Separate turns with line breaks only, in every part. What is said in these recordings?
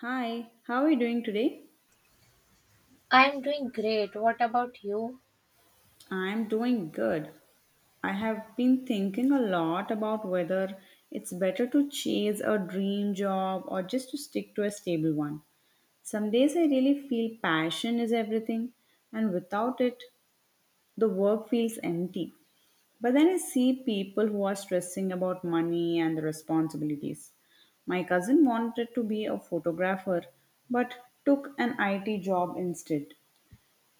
Hi, how are you doing today?
I'm doing great. What about you?
I'm doing good. I have been thinking a lot about whether it's better to chase a dream job or just to stick to a stable one. Some days I really feel passion is everything, and without it, the work feels empty. But then I see people who are stressing about money and the responsibilities. My cousin wanted to be a photographer but took an IT job instead.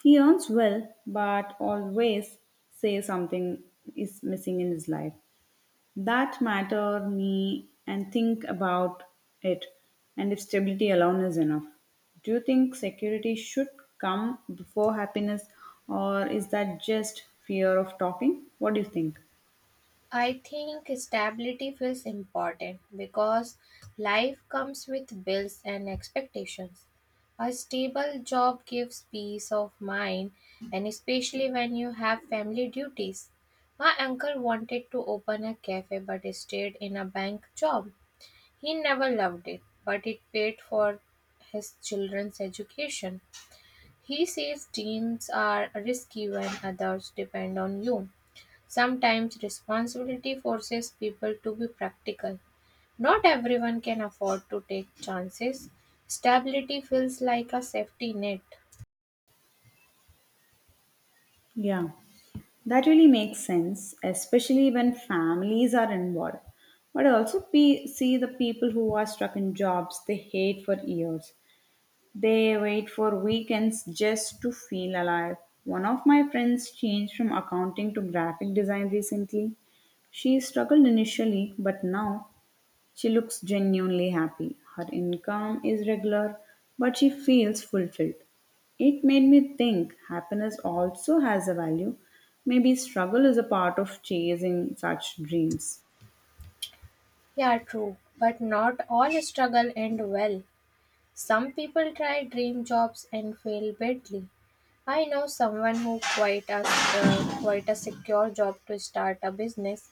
He earns well, but always say something is missing in his life. That matter me and think about it and if stability alone is enough. Do you think security should come before happiness or is that just fear of talking? What do you think?
I think stability feels important because life comes with bills and expectations. A stable job gives peace of mind, and especially when you have family duties. My uncle wanted to open a cafe but stayed in a bank job. He never loved it, but it paid for his children's education. He says dreams are risky when others depend on you. Sometimes responsibility forces people to be practical. Not everyone can afford to take chances. Stability feels like a safety net.
Yeah. That really makes sense, especially when families are involved. But I also see the people who are stuck in jobs they hate for years. They wait for weekends just to feel alive. One of my friends changed from accounting to graphic design recently. She struggled initially, but now she looks genuinely happy. Her income is regular, but she feels fulfilled. It made me think happiness also has a value. Maybe struggle is a part of chasing such dreams.
Yeah, true, but not all struggle end well. Some people try dream jobs and fail badly. I know someone who quit a secure job to start a business.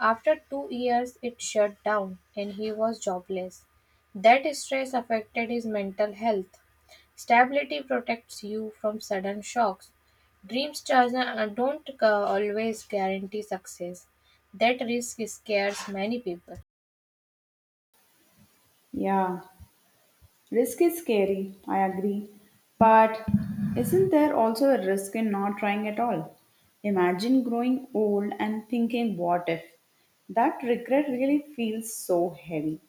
After 2 years, it shut down and he was jobless. That stress affected his mental health. Stability protects you from sudden shocks. Dreams don't always guarantee success. That risk scares many people.
Yeah, risk is scary, I agree. But isn't there also a risk in not trying at all? Imagine growing old and thinking, what if? That regret really feels so heavy.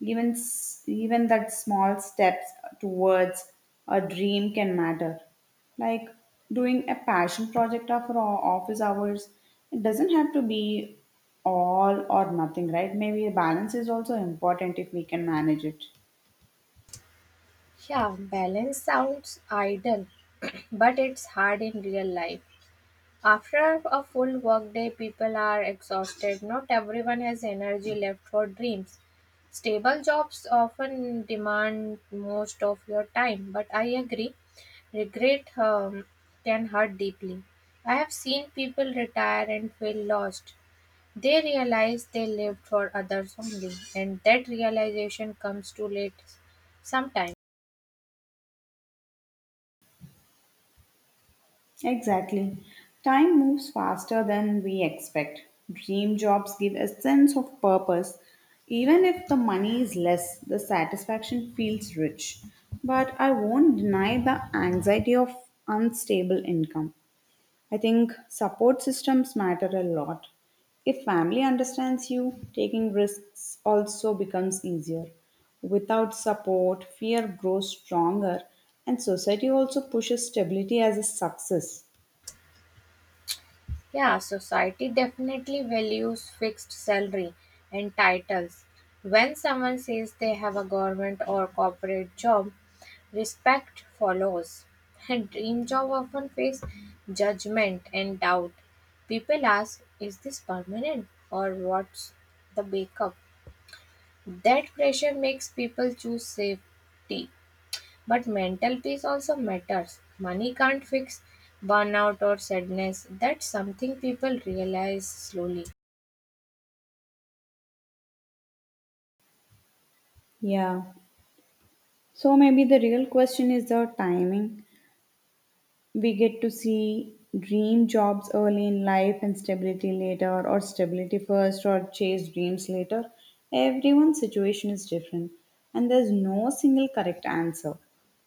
Even that small steps towards a dream can matter. Like doing a passion project after our office hours, it doesn't have to be all or nothing, right? Maybe a balance is also important if we can manage it.
Yeah, balance sounds idle, but it's hard in real life. After a full workday, people are exhausted. Not everyone has energy left for dreams. Stable jobs often demand most of your time, but I agree, regret can hurt deeply. I have seen people retire and feel lost. They realize they lived for others only, and that realization comes too late sometimes.
Exactly. Time moves faster than we expect. Dream jobs give a sense of purpose. Even if the money is less, the satisfaction feels rich. But I won't deny the anxiety of unstable income. I think support systems matter a lot. If family understands you, taking risks also becomes easier. Without support, fear grows stronger, and society also pushes stability as a success.
Yeah, society definitely values fixed salary and titles. When someone says they have a government or corporate job, respect follows. And dream job often face judgment and doubt. People ask, is this permanent or what's the backup? That pressure makes people choose safety but mental peace also matters. Money can't fix burnout or sadness. That's something people realize slowly.
Yeah. So maybe the real question is the timing. We get to see dream jobs early in life and stability later, or stability first, or chase dreams later. Everyone's situation is different, and there's no single correct answer.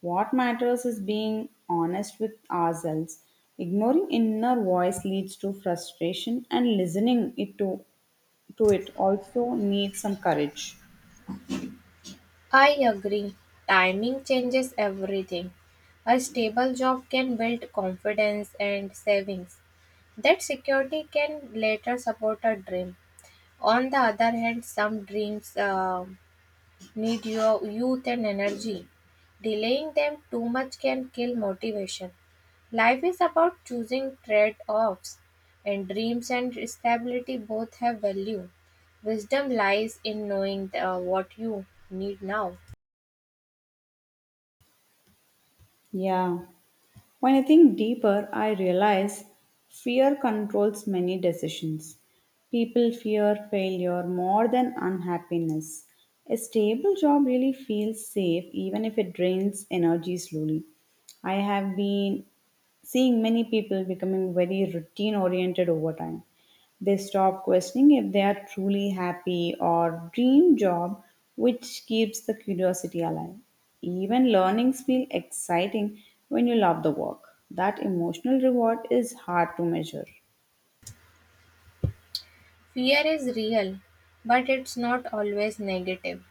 What matters is being honest with ourselves. Ignoring inner voice leads to frustration, and to it also needs some courage.
I agree. Timing changes everything. A stable job can build confidence and savings. That security can later support a dream. On the other hand, some dreams need your youth and energy. Delaying them too much can kill motivation. Life is about choosing trade offs, and dreams and stability both have value. Wisdom lies in knowing the, what you need now.
Yeah. When I think deeper, I realize fear controls many decisions. People fear failure more than unhappiness. A stable job really feels safe even if it drains energy slowly. I have been seeing many people becoming very routine oriented over time. They stop questioning if they are truly happy or dream job, which keeps the curiosity alive. Even learnings feel exciting when you love the work. That emotional reward is hard to measure.
Fear is real, but it's not always negative.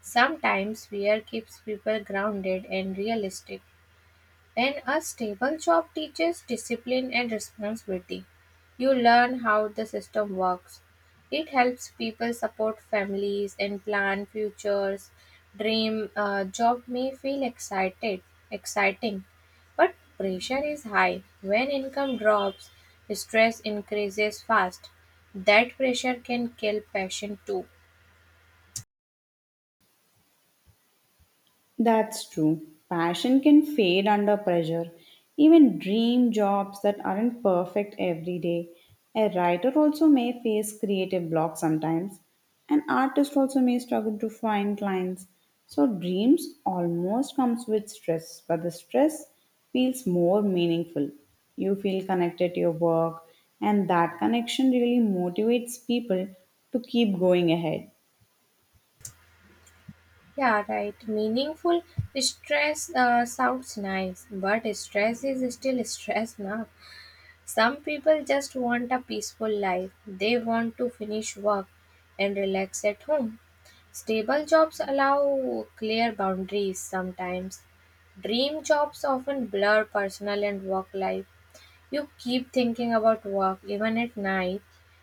Sometimes fear keeps people grounded and realistic. And a stable job teaches discipline and responsibility. You learn how the system works. It helps people support families and plan futures. Dream job may feel exciting, but pressure is high. When income drops, stress increases fast. That pressure can kill passion too.
That's true. Passion can fade under pressure. Even dream jobs that aren't perfect every day. A writer also may face creative block sometimes. An artist also may struggle to find clients. So dreams almost comes with stress, but the stress feels more meaningful. You feel connected to your work and that connection really motivates people to keep going ahead.
Yeah, right. Meaningful stress sounds nice, but stress is still stress now. Some people just want a peaceful life. They want to finish work and relax at home. Stable jobs allow clear boundaries sometimes. Dream jobs often blur personal and work life. You keep thinking about work even at night,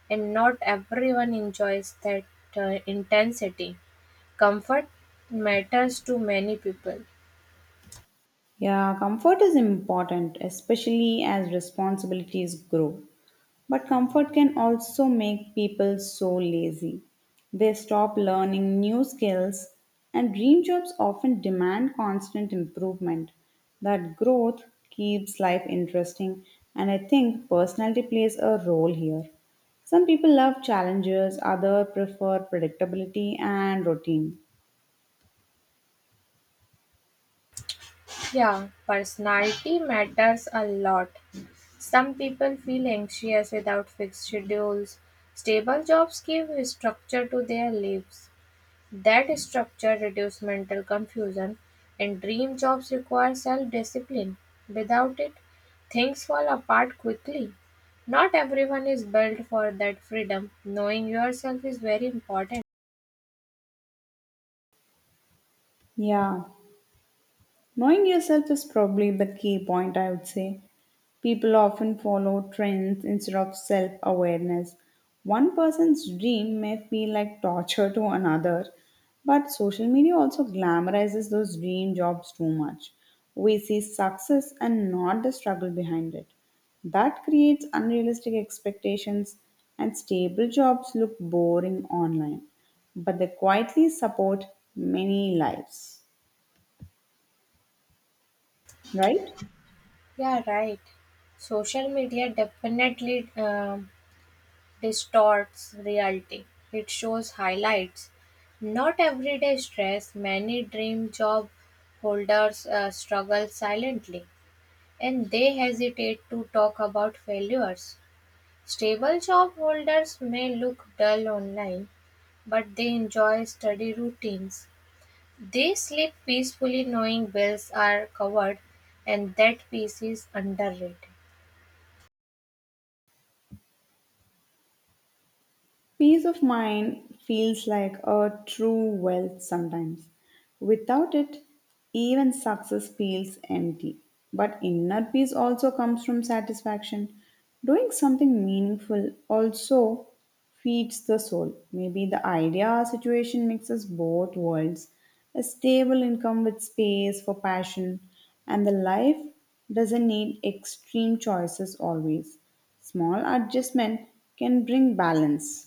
and not everyone enjoys that intensity. Comfort matters to many people.
Yeah, comfort is important, especially as responsibilities grow. But comfort can also make people so lazy. They stop learning new skills, and dream jobs often demand constant improvement. That growth keeps life interesting, and I think personality plays a role here. Some people love challenges, others prefer predictability and routine.
Yeah, personality matters a lot. Some people feel anxious without fixed schedules. Stable jobs give structure to their lives. That structure reduces mental confusion, and dream jobs require self discipline. Without it, things fall apart quickly. Not everyone is built for that freedom. Knowing yourself is very important.
Yeah, knowing yourself is probably the key point, I would say. People often follow trends instead of self awareness. One person's dream may feel like torture to another, but social media also glamorizes those dream jobs too much. We see success and not the struggle behind it. That creates unrealistic expectations, and stable jobs look boring online, but they quietly support many lives, right?
Yeah, right. Social media definitely distorts reality. It shows highlights, not everyday stress. Many dream job holders struggle silently and they hesitate to talk about failures. Stable job holders may look dull online, but they enjoy study routines. They sleep peacefully knowing bills are covered and that peace is underrated.
Peace of mind feels like a true wealth sometimes. Without it, even success feels empty. But inner peace also comes from satisfaction. Doing something meaningful also feeds the soul. Maybe the idea or situation mixes both worlds a stable income with space for passion, and the life doesn't need extreme choices always. Small adjustment can bring balance.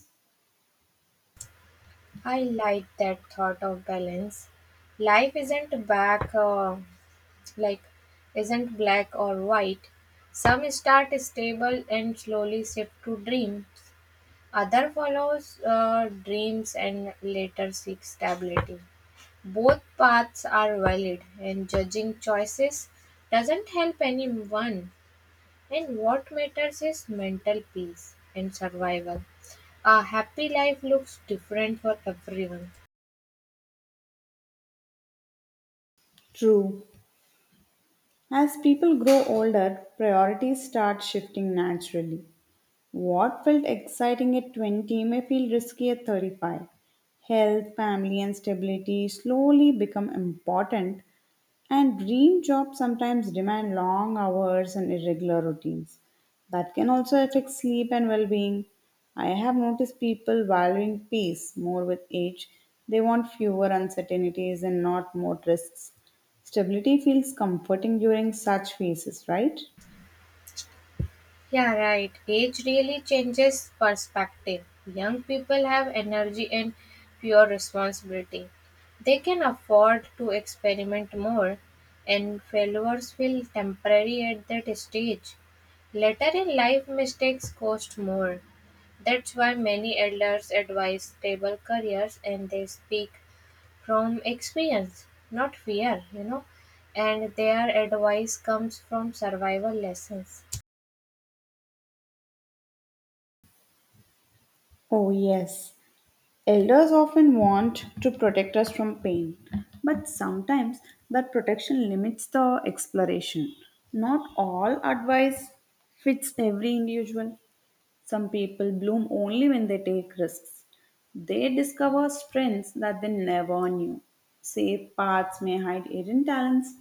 I like that thought of balance. Life isn't back. Like isn't black or white. Some start stable and slowly shift to dreams. Other follows dreams and later seek stability. Both paths are valid, and judging choices doesn't help anyone. And what matters is mental peace and survival. A happy life looks different for everyone.
True. As people grow older, priorities start shifting naturally. What felt exciting at 20 may feel risky at 35. Health, family, and stability slowly become important, and dream jobs sometimes demand long hours and irregular routines. That can also affect sleep and well being. I have noticed people valuing peace more with age. They want fewer uncertainties and not more risks. Stability feels comforting during such phases, right?
Yeah, right. Age really changes perspective. Young people have energy and pure responsibility. They can afford to experiment more, and failures feel temporary at that stage. Later in life, mistakes cost more. That's why many elders advise stable careers and they speak from experience, not fear, you know, and their advice comes from survival lessons.
Oh, yes. Elders often want to protect us from pain, but sometimes that protection limits the exploration. Not all advice fits every individual. Some people bloom only when they take risks. They discover strengths that they never knew. Safe paths may hide hidden talents.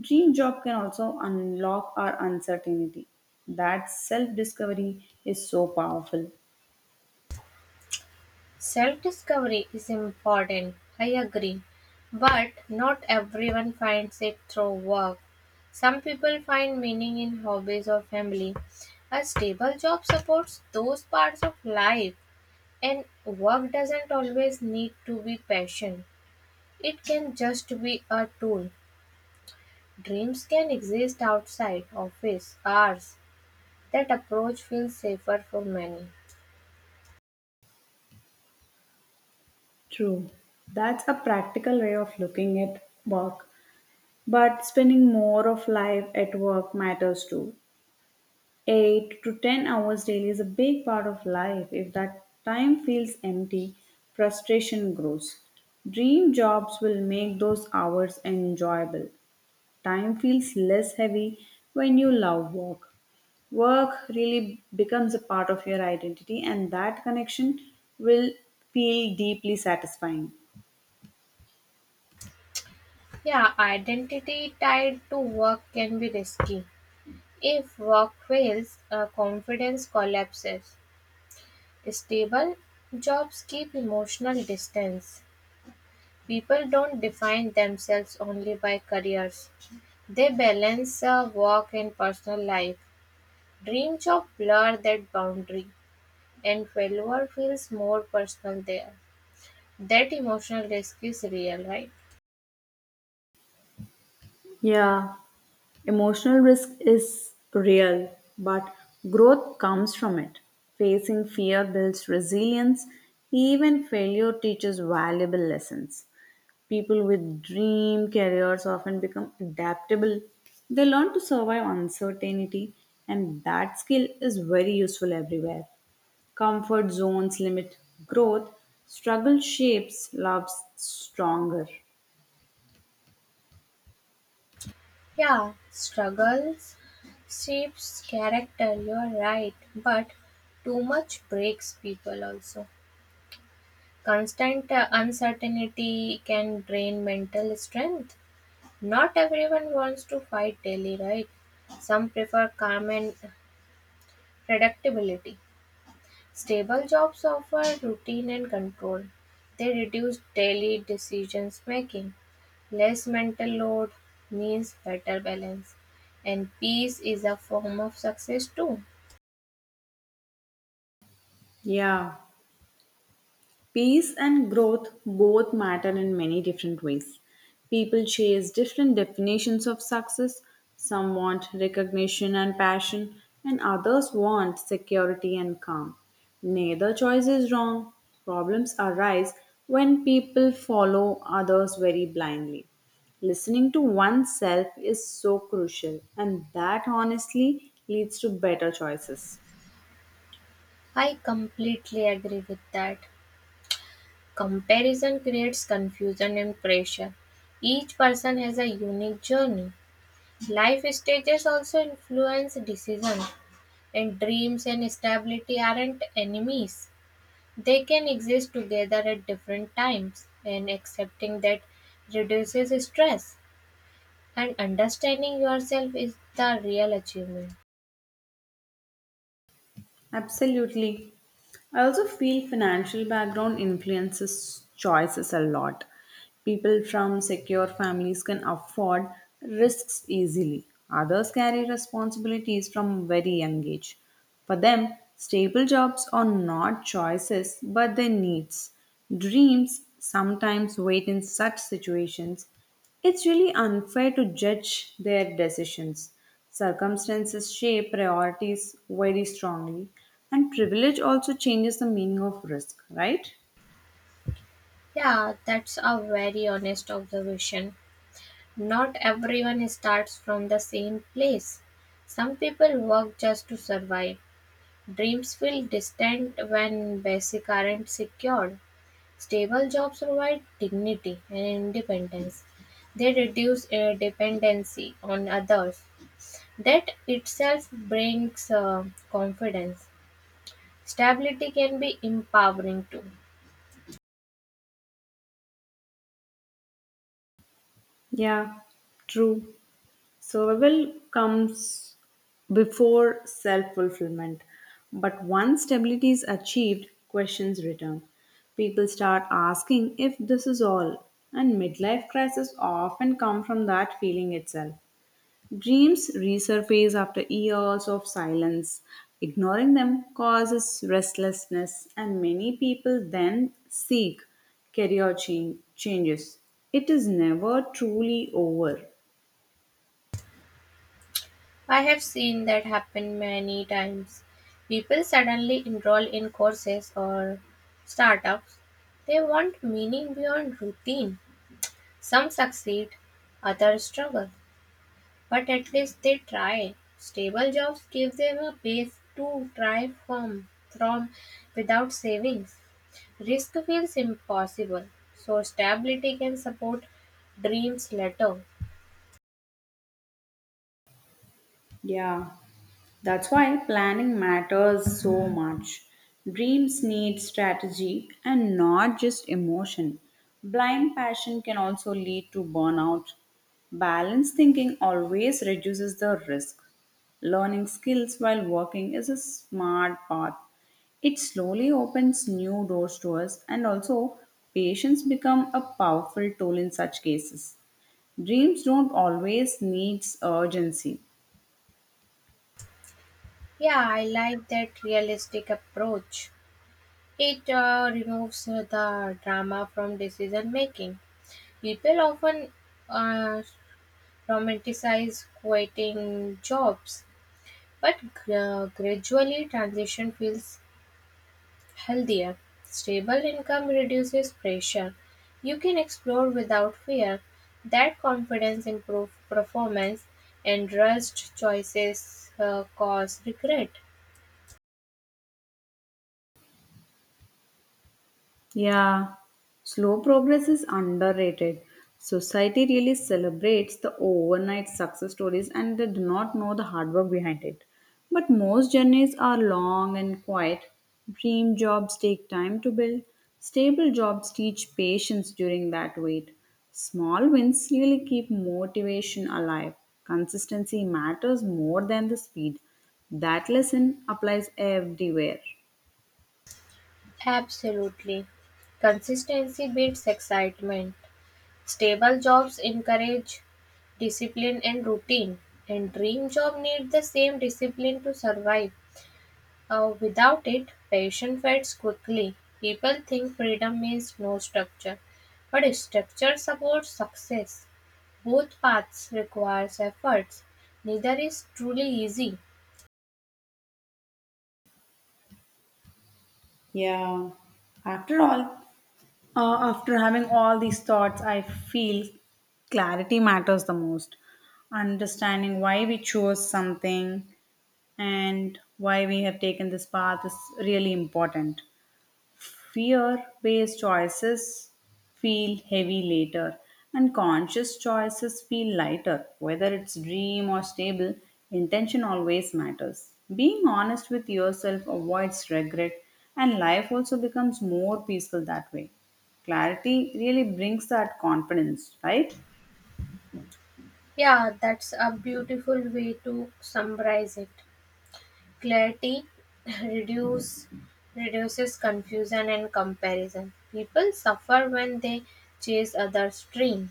Dream job can also unlock our uncertainty. That self discovery is so powerful.
Self-discovery is important, I agree, but not everyone finds it through work. Some people find meaning in hobbies or family. A stable job supports those parts of life, and work doesn't always need to be passion. It can just be a tool. Dreams can exist outside office hours. That approach feels safer for many.
True. That's a practical way of looking at work. But spending more of life at work matters too. 8 to 10 hours daily is a big part of life. If that time feels empty, frustration grows. Dream jobs will make those hours enjoyable. Time feels less heavy when you love work. Work really becomes a part of your identity, and that connection will feel deeply satisfying.
Yeah, identity tied to work can be risky. If work fails, confidence collapses. Stable jobs keep emotional distance. People don't define themselves only by careers, they balance work and personal life. Dream job blur that boundary, and failure feels more personal there. That emotional risk is real, right?
Yeah, emotional risk is real, but growth comes from it. Facing fear builds resilience. Even failure teaches valuable lessons. People with dream careers often become adaptable. They learn to survive uncertainty, and that skill is very useful everywhere. Comfort zones limit growth, struggle shapes love stronger.
Yeah, struggles shapes character, you're right, but too much breaks people also. Constant uncertainty can drain mental strength. Not everyone wants to fight daily, right? Some prefer calm and predictability. Stable jobs offer routine and control. They reduce daily decisions making. Less mental load means better balance, and peace is a form of success too.
Yeah. Peace and growth both matter in many different ways. People chase different definitions of success. Some want recognition and passion, and others want security and calm. Neither choice is wrong. Problems arise when people follow others very blindly. Listening to oneself is so crucial, and that honestly leads to better choices.
I completely agree with that. Comparison creates confusion and pressure. Each person has a unique journey. Life stages also influence decisions, and dreams and stability aren't enemies. They can exist together at different times, and accepting that reduces stress. And understanding yourself is the real achievement.
Absolutely. I also feel financial background influences choices a lot. People from secure families can afford risks easily. Others carry responsibilities from very young age. For them, stable jobs are not choices but their needs. Dreams sometimes wait in such situations, it's really unfair to judge their decisions. Circumstances shape priorities very strongly, and privilege also changes the meaning of risk, right?
Yeah, that's a very honest observation. Not everyone starts from the same place. Some people work just to survive. Dreams feel distant when basic aren't secured. Stable jobs provide dignity and independence. They reduce dependency on others. That itself brings confidence. Stability can be empowering too.
Yeah, true. Survival comes before self fulfillment, but once stability is achieved, questions return. People start asking if this is all, and midlife crises often come from that feeling itself. Dreams resurface after years of silence. Ignoring them causes restlessness, and many people then seek changes. It is never truly over.
I have seen that happen many times. People suddenly enroll in courses or startups. They want meaning beyond routine. Some succeed, others struggle, but at least they try. Stable jobs give them a base to try from without savings. Risk feels impossible, so stability can support dreams later.
Yeah, that's why planning matters so much. Dreams need strategy and not just emotion. Blind passion can also lead to burnout. Balanced thinking always reduces the risk. Learning skills while working is a smart path. It slowly opens new doors to us, and also, patience become a powerful tool in such cases. Dreams don't always need urgency.
Yeah, I like that realistic approach. It removes the drama from decision making. People often uh, romanticize quitting jobs, but gradually transition feels healthier. Stable income reduces pressure. You can explore without fear. That confidence improves performance, and rushed choices cause regret.
Yeah, slow progress is underrated. Society really celebrates the overnight success stories and they do not know the hard work behind it. But most journeys are long and quiet. Dream jobs take time to build. Stable jobs teach patience during that wait. Small wins really keep motivation alive. Consistency matters more than the speed. That lesson applies everywhere.
Absolutely. Consistency beats excitement. Stable jobs encourage discipline and routine, and dream job need the same discipline to survive. Without it, passion fades quickly. People think freedom means no structure, but structure supports success. Both paths requires efforts. Neither is truly easy.
Yeah. After all, After having all these thoughts, I feel clarity matters the most. Understanding why we chose something and why we have taken this path is really important fear based choices feel heavy later, and conscious choices feel lighter. Whether it's dream or stable, intention always matters. Being honest with yourself avoids regret, and life also becomes more peaceful that way. Clarity really brings that confidence, right?
Yeah, that's a beautiful way to summarize it. Clarity reduce, reduces confusion and comparison. People suffer when they chase others' dream.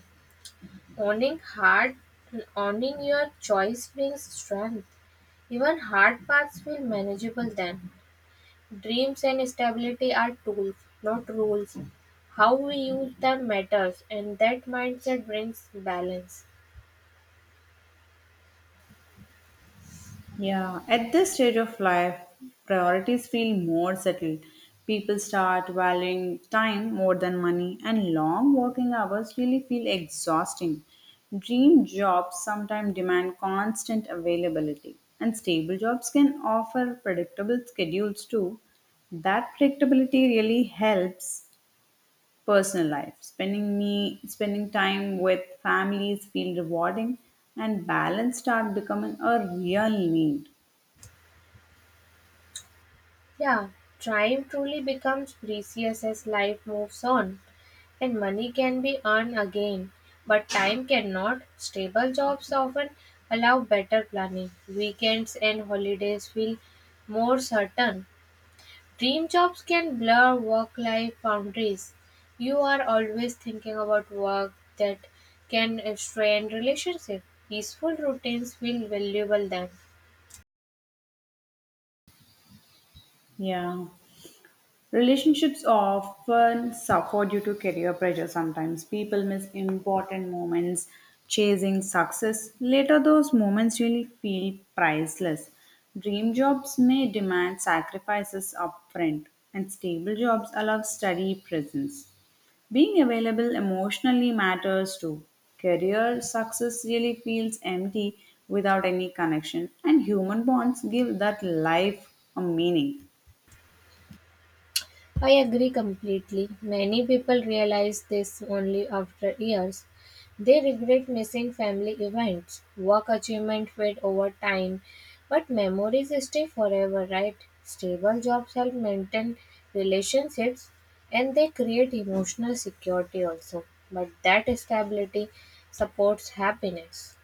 Owning hard, owning your choice brings strength. Even hard paths feel manageable then. Dreams and stability are tools, not rules. How we use them matters, and that mindset brings balance.
Yeah, at this stage of life, priorities feel more settled. People start valuing time more than money, and long working hours really feel exhausting. Dream jobs sometimes demand constant availability, and stable jobs can offer predictable schedules too. That predictability really helps personal life. Spending time with families feel rewarding, and balance start becoming a real need.
Yeah, time truly becomes precious as life moves on, and money can be earned again, but time cannot. Stable jobs often allow better planning. Weekends and holidays feel more certain. Dream jobs can blur work life boundaries. You are always thinking about work that can strain relationship. Peaceful routines feel valuable then.
Yeah. Relationships often suffer due to career pressure sometimes. People miss important moments chasing success. Later, those moments really feel priceless. Dream jobs may demand sacrifices upfront, and stable jobs allow steady presence. Being available emotionally matters too. Career success really feels empty without any connection, and human bonds give that life a meaning.
I agree completely. Many people realize this only after years. They regret missing family events. Work achievement fade over time, but memories stay forever, right? Stable jobs help maintain relationships and they create emotional security also. But that stability supports happiness.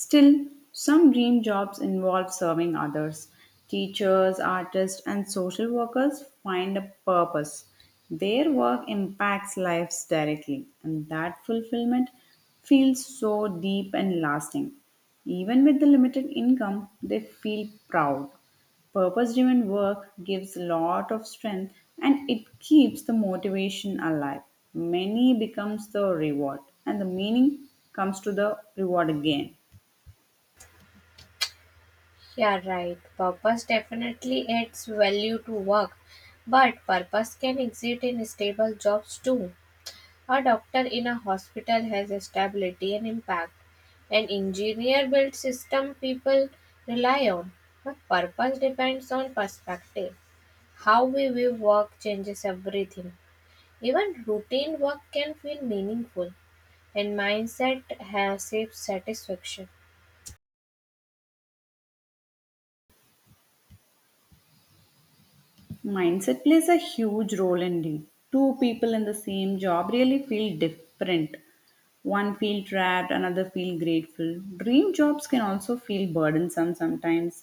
Still, some dream jobs involve serving others. Teachers, artists, and social workers find a purpose. Their work impacts lives directly, and that fulfillment feels so deep and lasting. Even with the limited income, they feel proud. Purpose driven work gives a lot of strength and it keeps the motivation alive. Many becomes the reward, and the meaning comes to the reward again.
Yeah, right. Purpose definitely adds value to work, but purpose can exist in stable jobs too. A doctor in a hospital has a stability and impact. An engineer builds system people rely on. But purpose depends on perspective. How we view work changes everything. Even routine work can feel meaningful, and mindset has shapes satisfaction.
Mindset plays a huge role indeed. Two people in the same job really feel different. One feel trapped, another feel grateful. Dream jobs can also feel burdensome sometimes.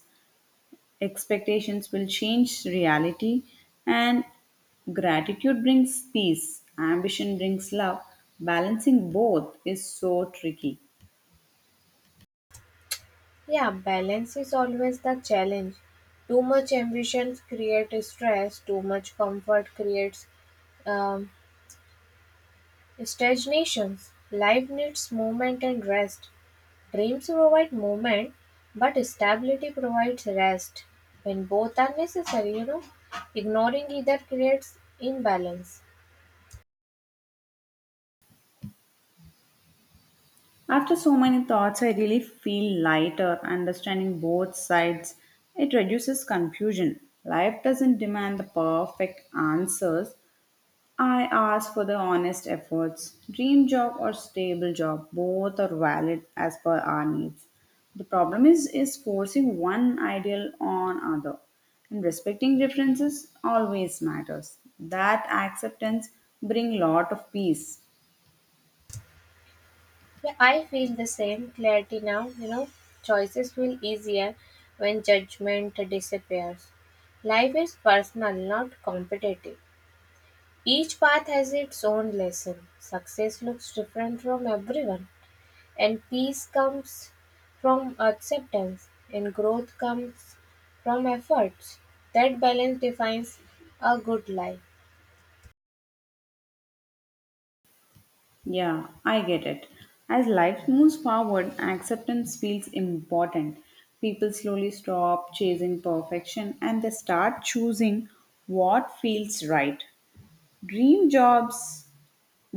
Expectations will change reality and gratitude brings peace. Ambition brings love. Balancing both is so tricky.
Yeah, balance is always the challenge. Too much ambition creates stress, too much comfort creates um, stagnation. Life needs movement and rest. Dreams provide movement, but stability provides rest. When both are necessary, you know, ignoring either creates imbalance.
After so many thoughts, I really feel lighter. Understanding both sides, it reduces confusion. Life doesn't demand the perfect answers. I ask for the honest efforts. Dream job or stable job, both are valid as per our needs. The problem is forcing one ideal on other. And respecting differences always matters. That acceptance bring lot of peace.
Yeah, I feel the same clarity now, you know, choices feel easier when judgment disappears. Life is personal, not competitive. Each path has its own lesson. Success looks different from everyone. And peace comes from acceptance, and growth comes from efforts. That balance defines a good life.
Yeah, I get it. As life moves forward, acceptance feels important. People slowly stop chasing perfection and they start choosing what feels right. Dream jobs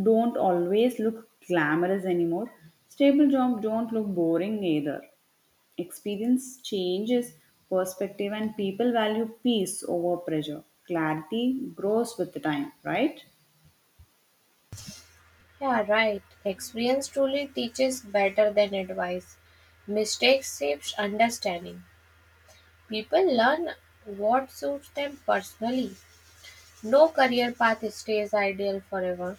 don't always look glamorous anymore. Stable jobs don't look boring either. Experience changes perspective and people value peace over pressure. Clarity grows with the time, right?
Yeah, right. Experience truly teaches better than advice. Mistakes shapes understanding. People learn what suits them personally. No career path stays ideal forever.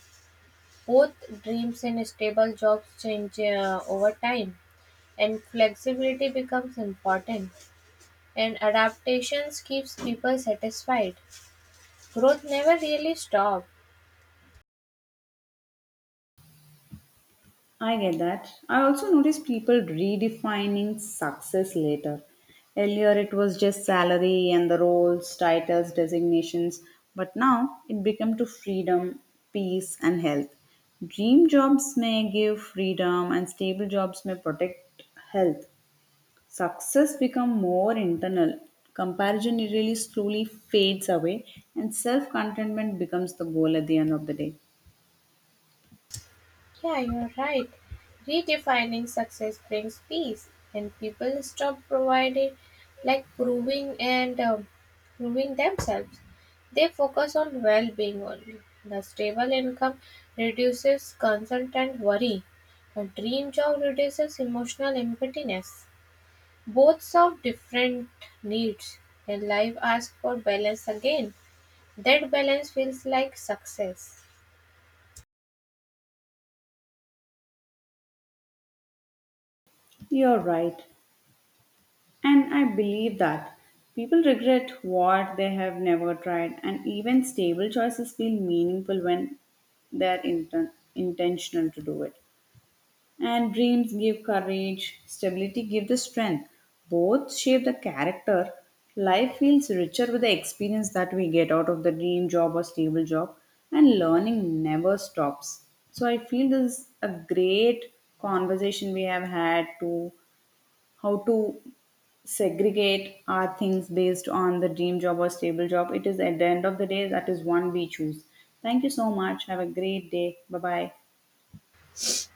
Both dreams and stable jobs change over time, and flexibility becomes important. And adaptations keeps people satisfied. Growth never really stops.
I get that. I also notice people redefining success later. Earlier, it was just salary and the roles, titles, designations, but now it became to freedom, peace, and health. Dream jobs may give freedom, and stable jobs may protect health. Success become more internal. Comparison really slowly fades away, and self contentment becomes the goal at the end of the day.
Yeah, you're right. Redefining success brings peace, and people stop providing, like proving and proving themselves. They focus on well-being only. The stable income reduces concern and worry. A dream job reduces emotional emptiness. Both serve different needs, and life asks for balance again. That balance feels like success.
You're right. And I believe that people regret what they have never tried, and even stable choices feel meaningful when intentional to do it. And dreams give courage, stability give the strength. Both shape the character. Life feels richer with the experience that we get out of the dream job or stable job, and learning never stops. So I feel this is a great conversation we have had to how to segregate our things based on the dream job or stable job. It is at the end of the day that is one we choose. Thank you so much. Have a great day. Bye bye.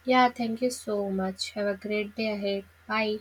Yeah, thank you so much. Have a great day ahead. Bye.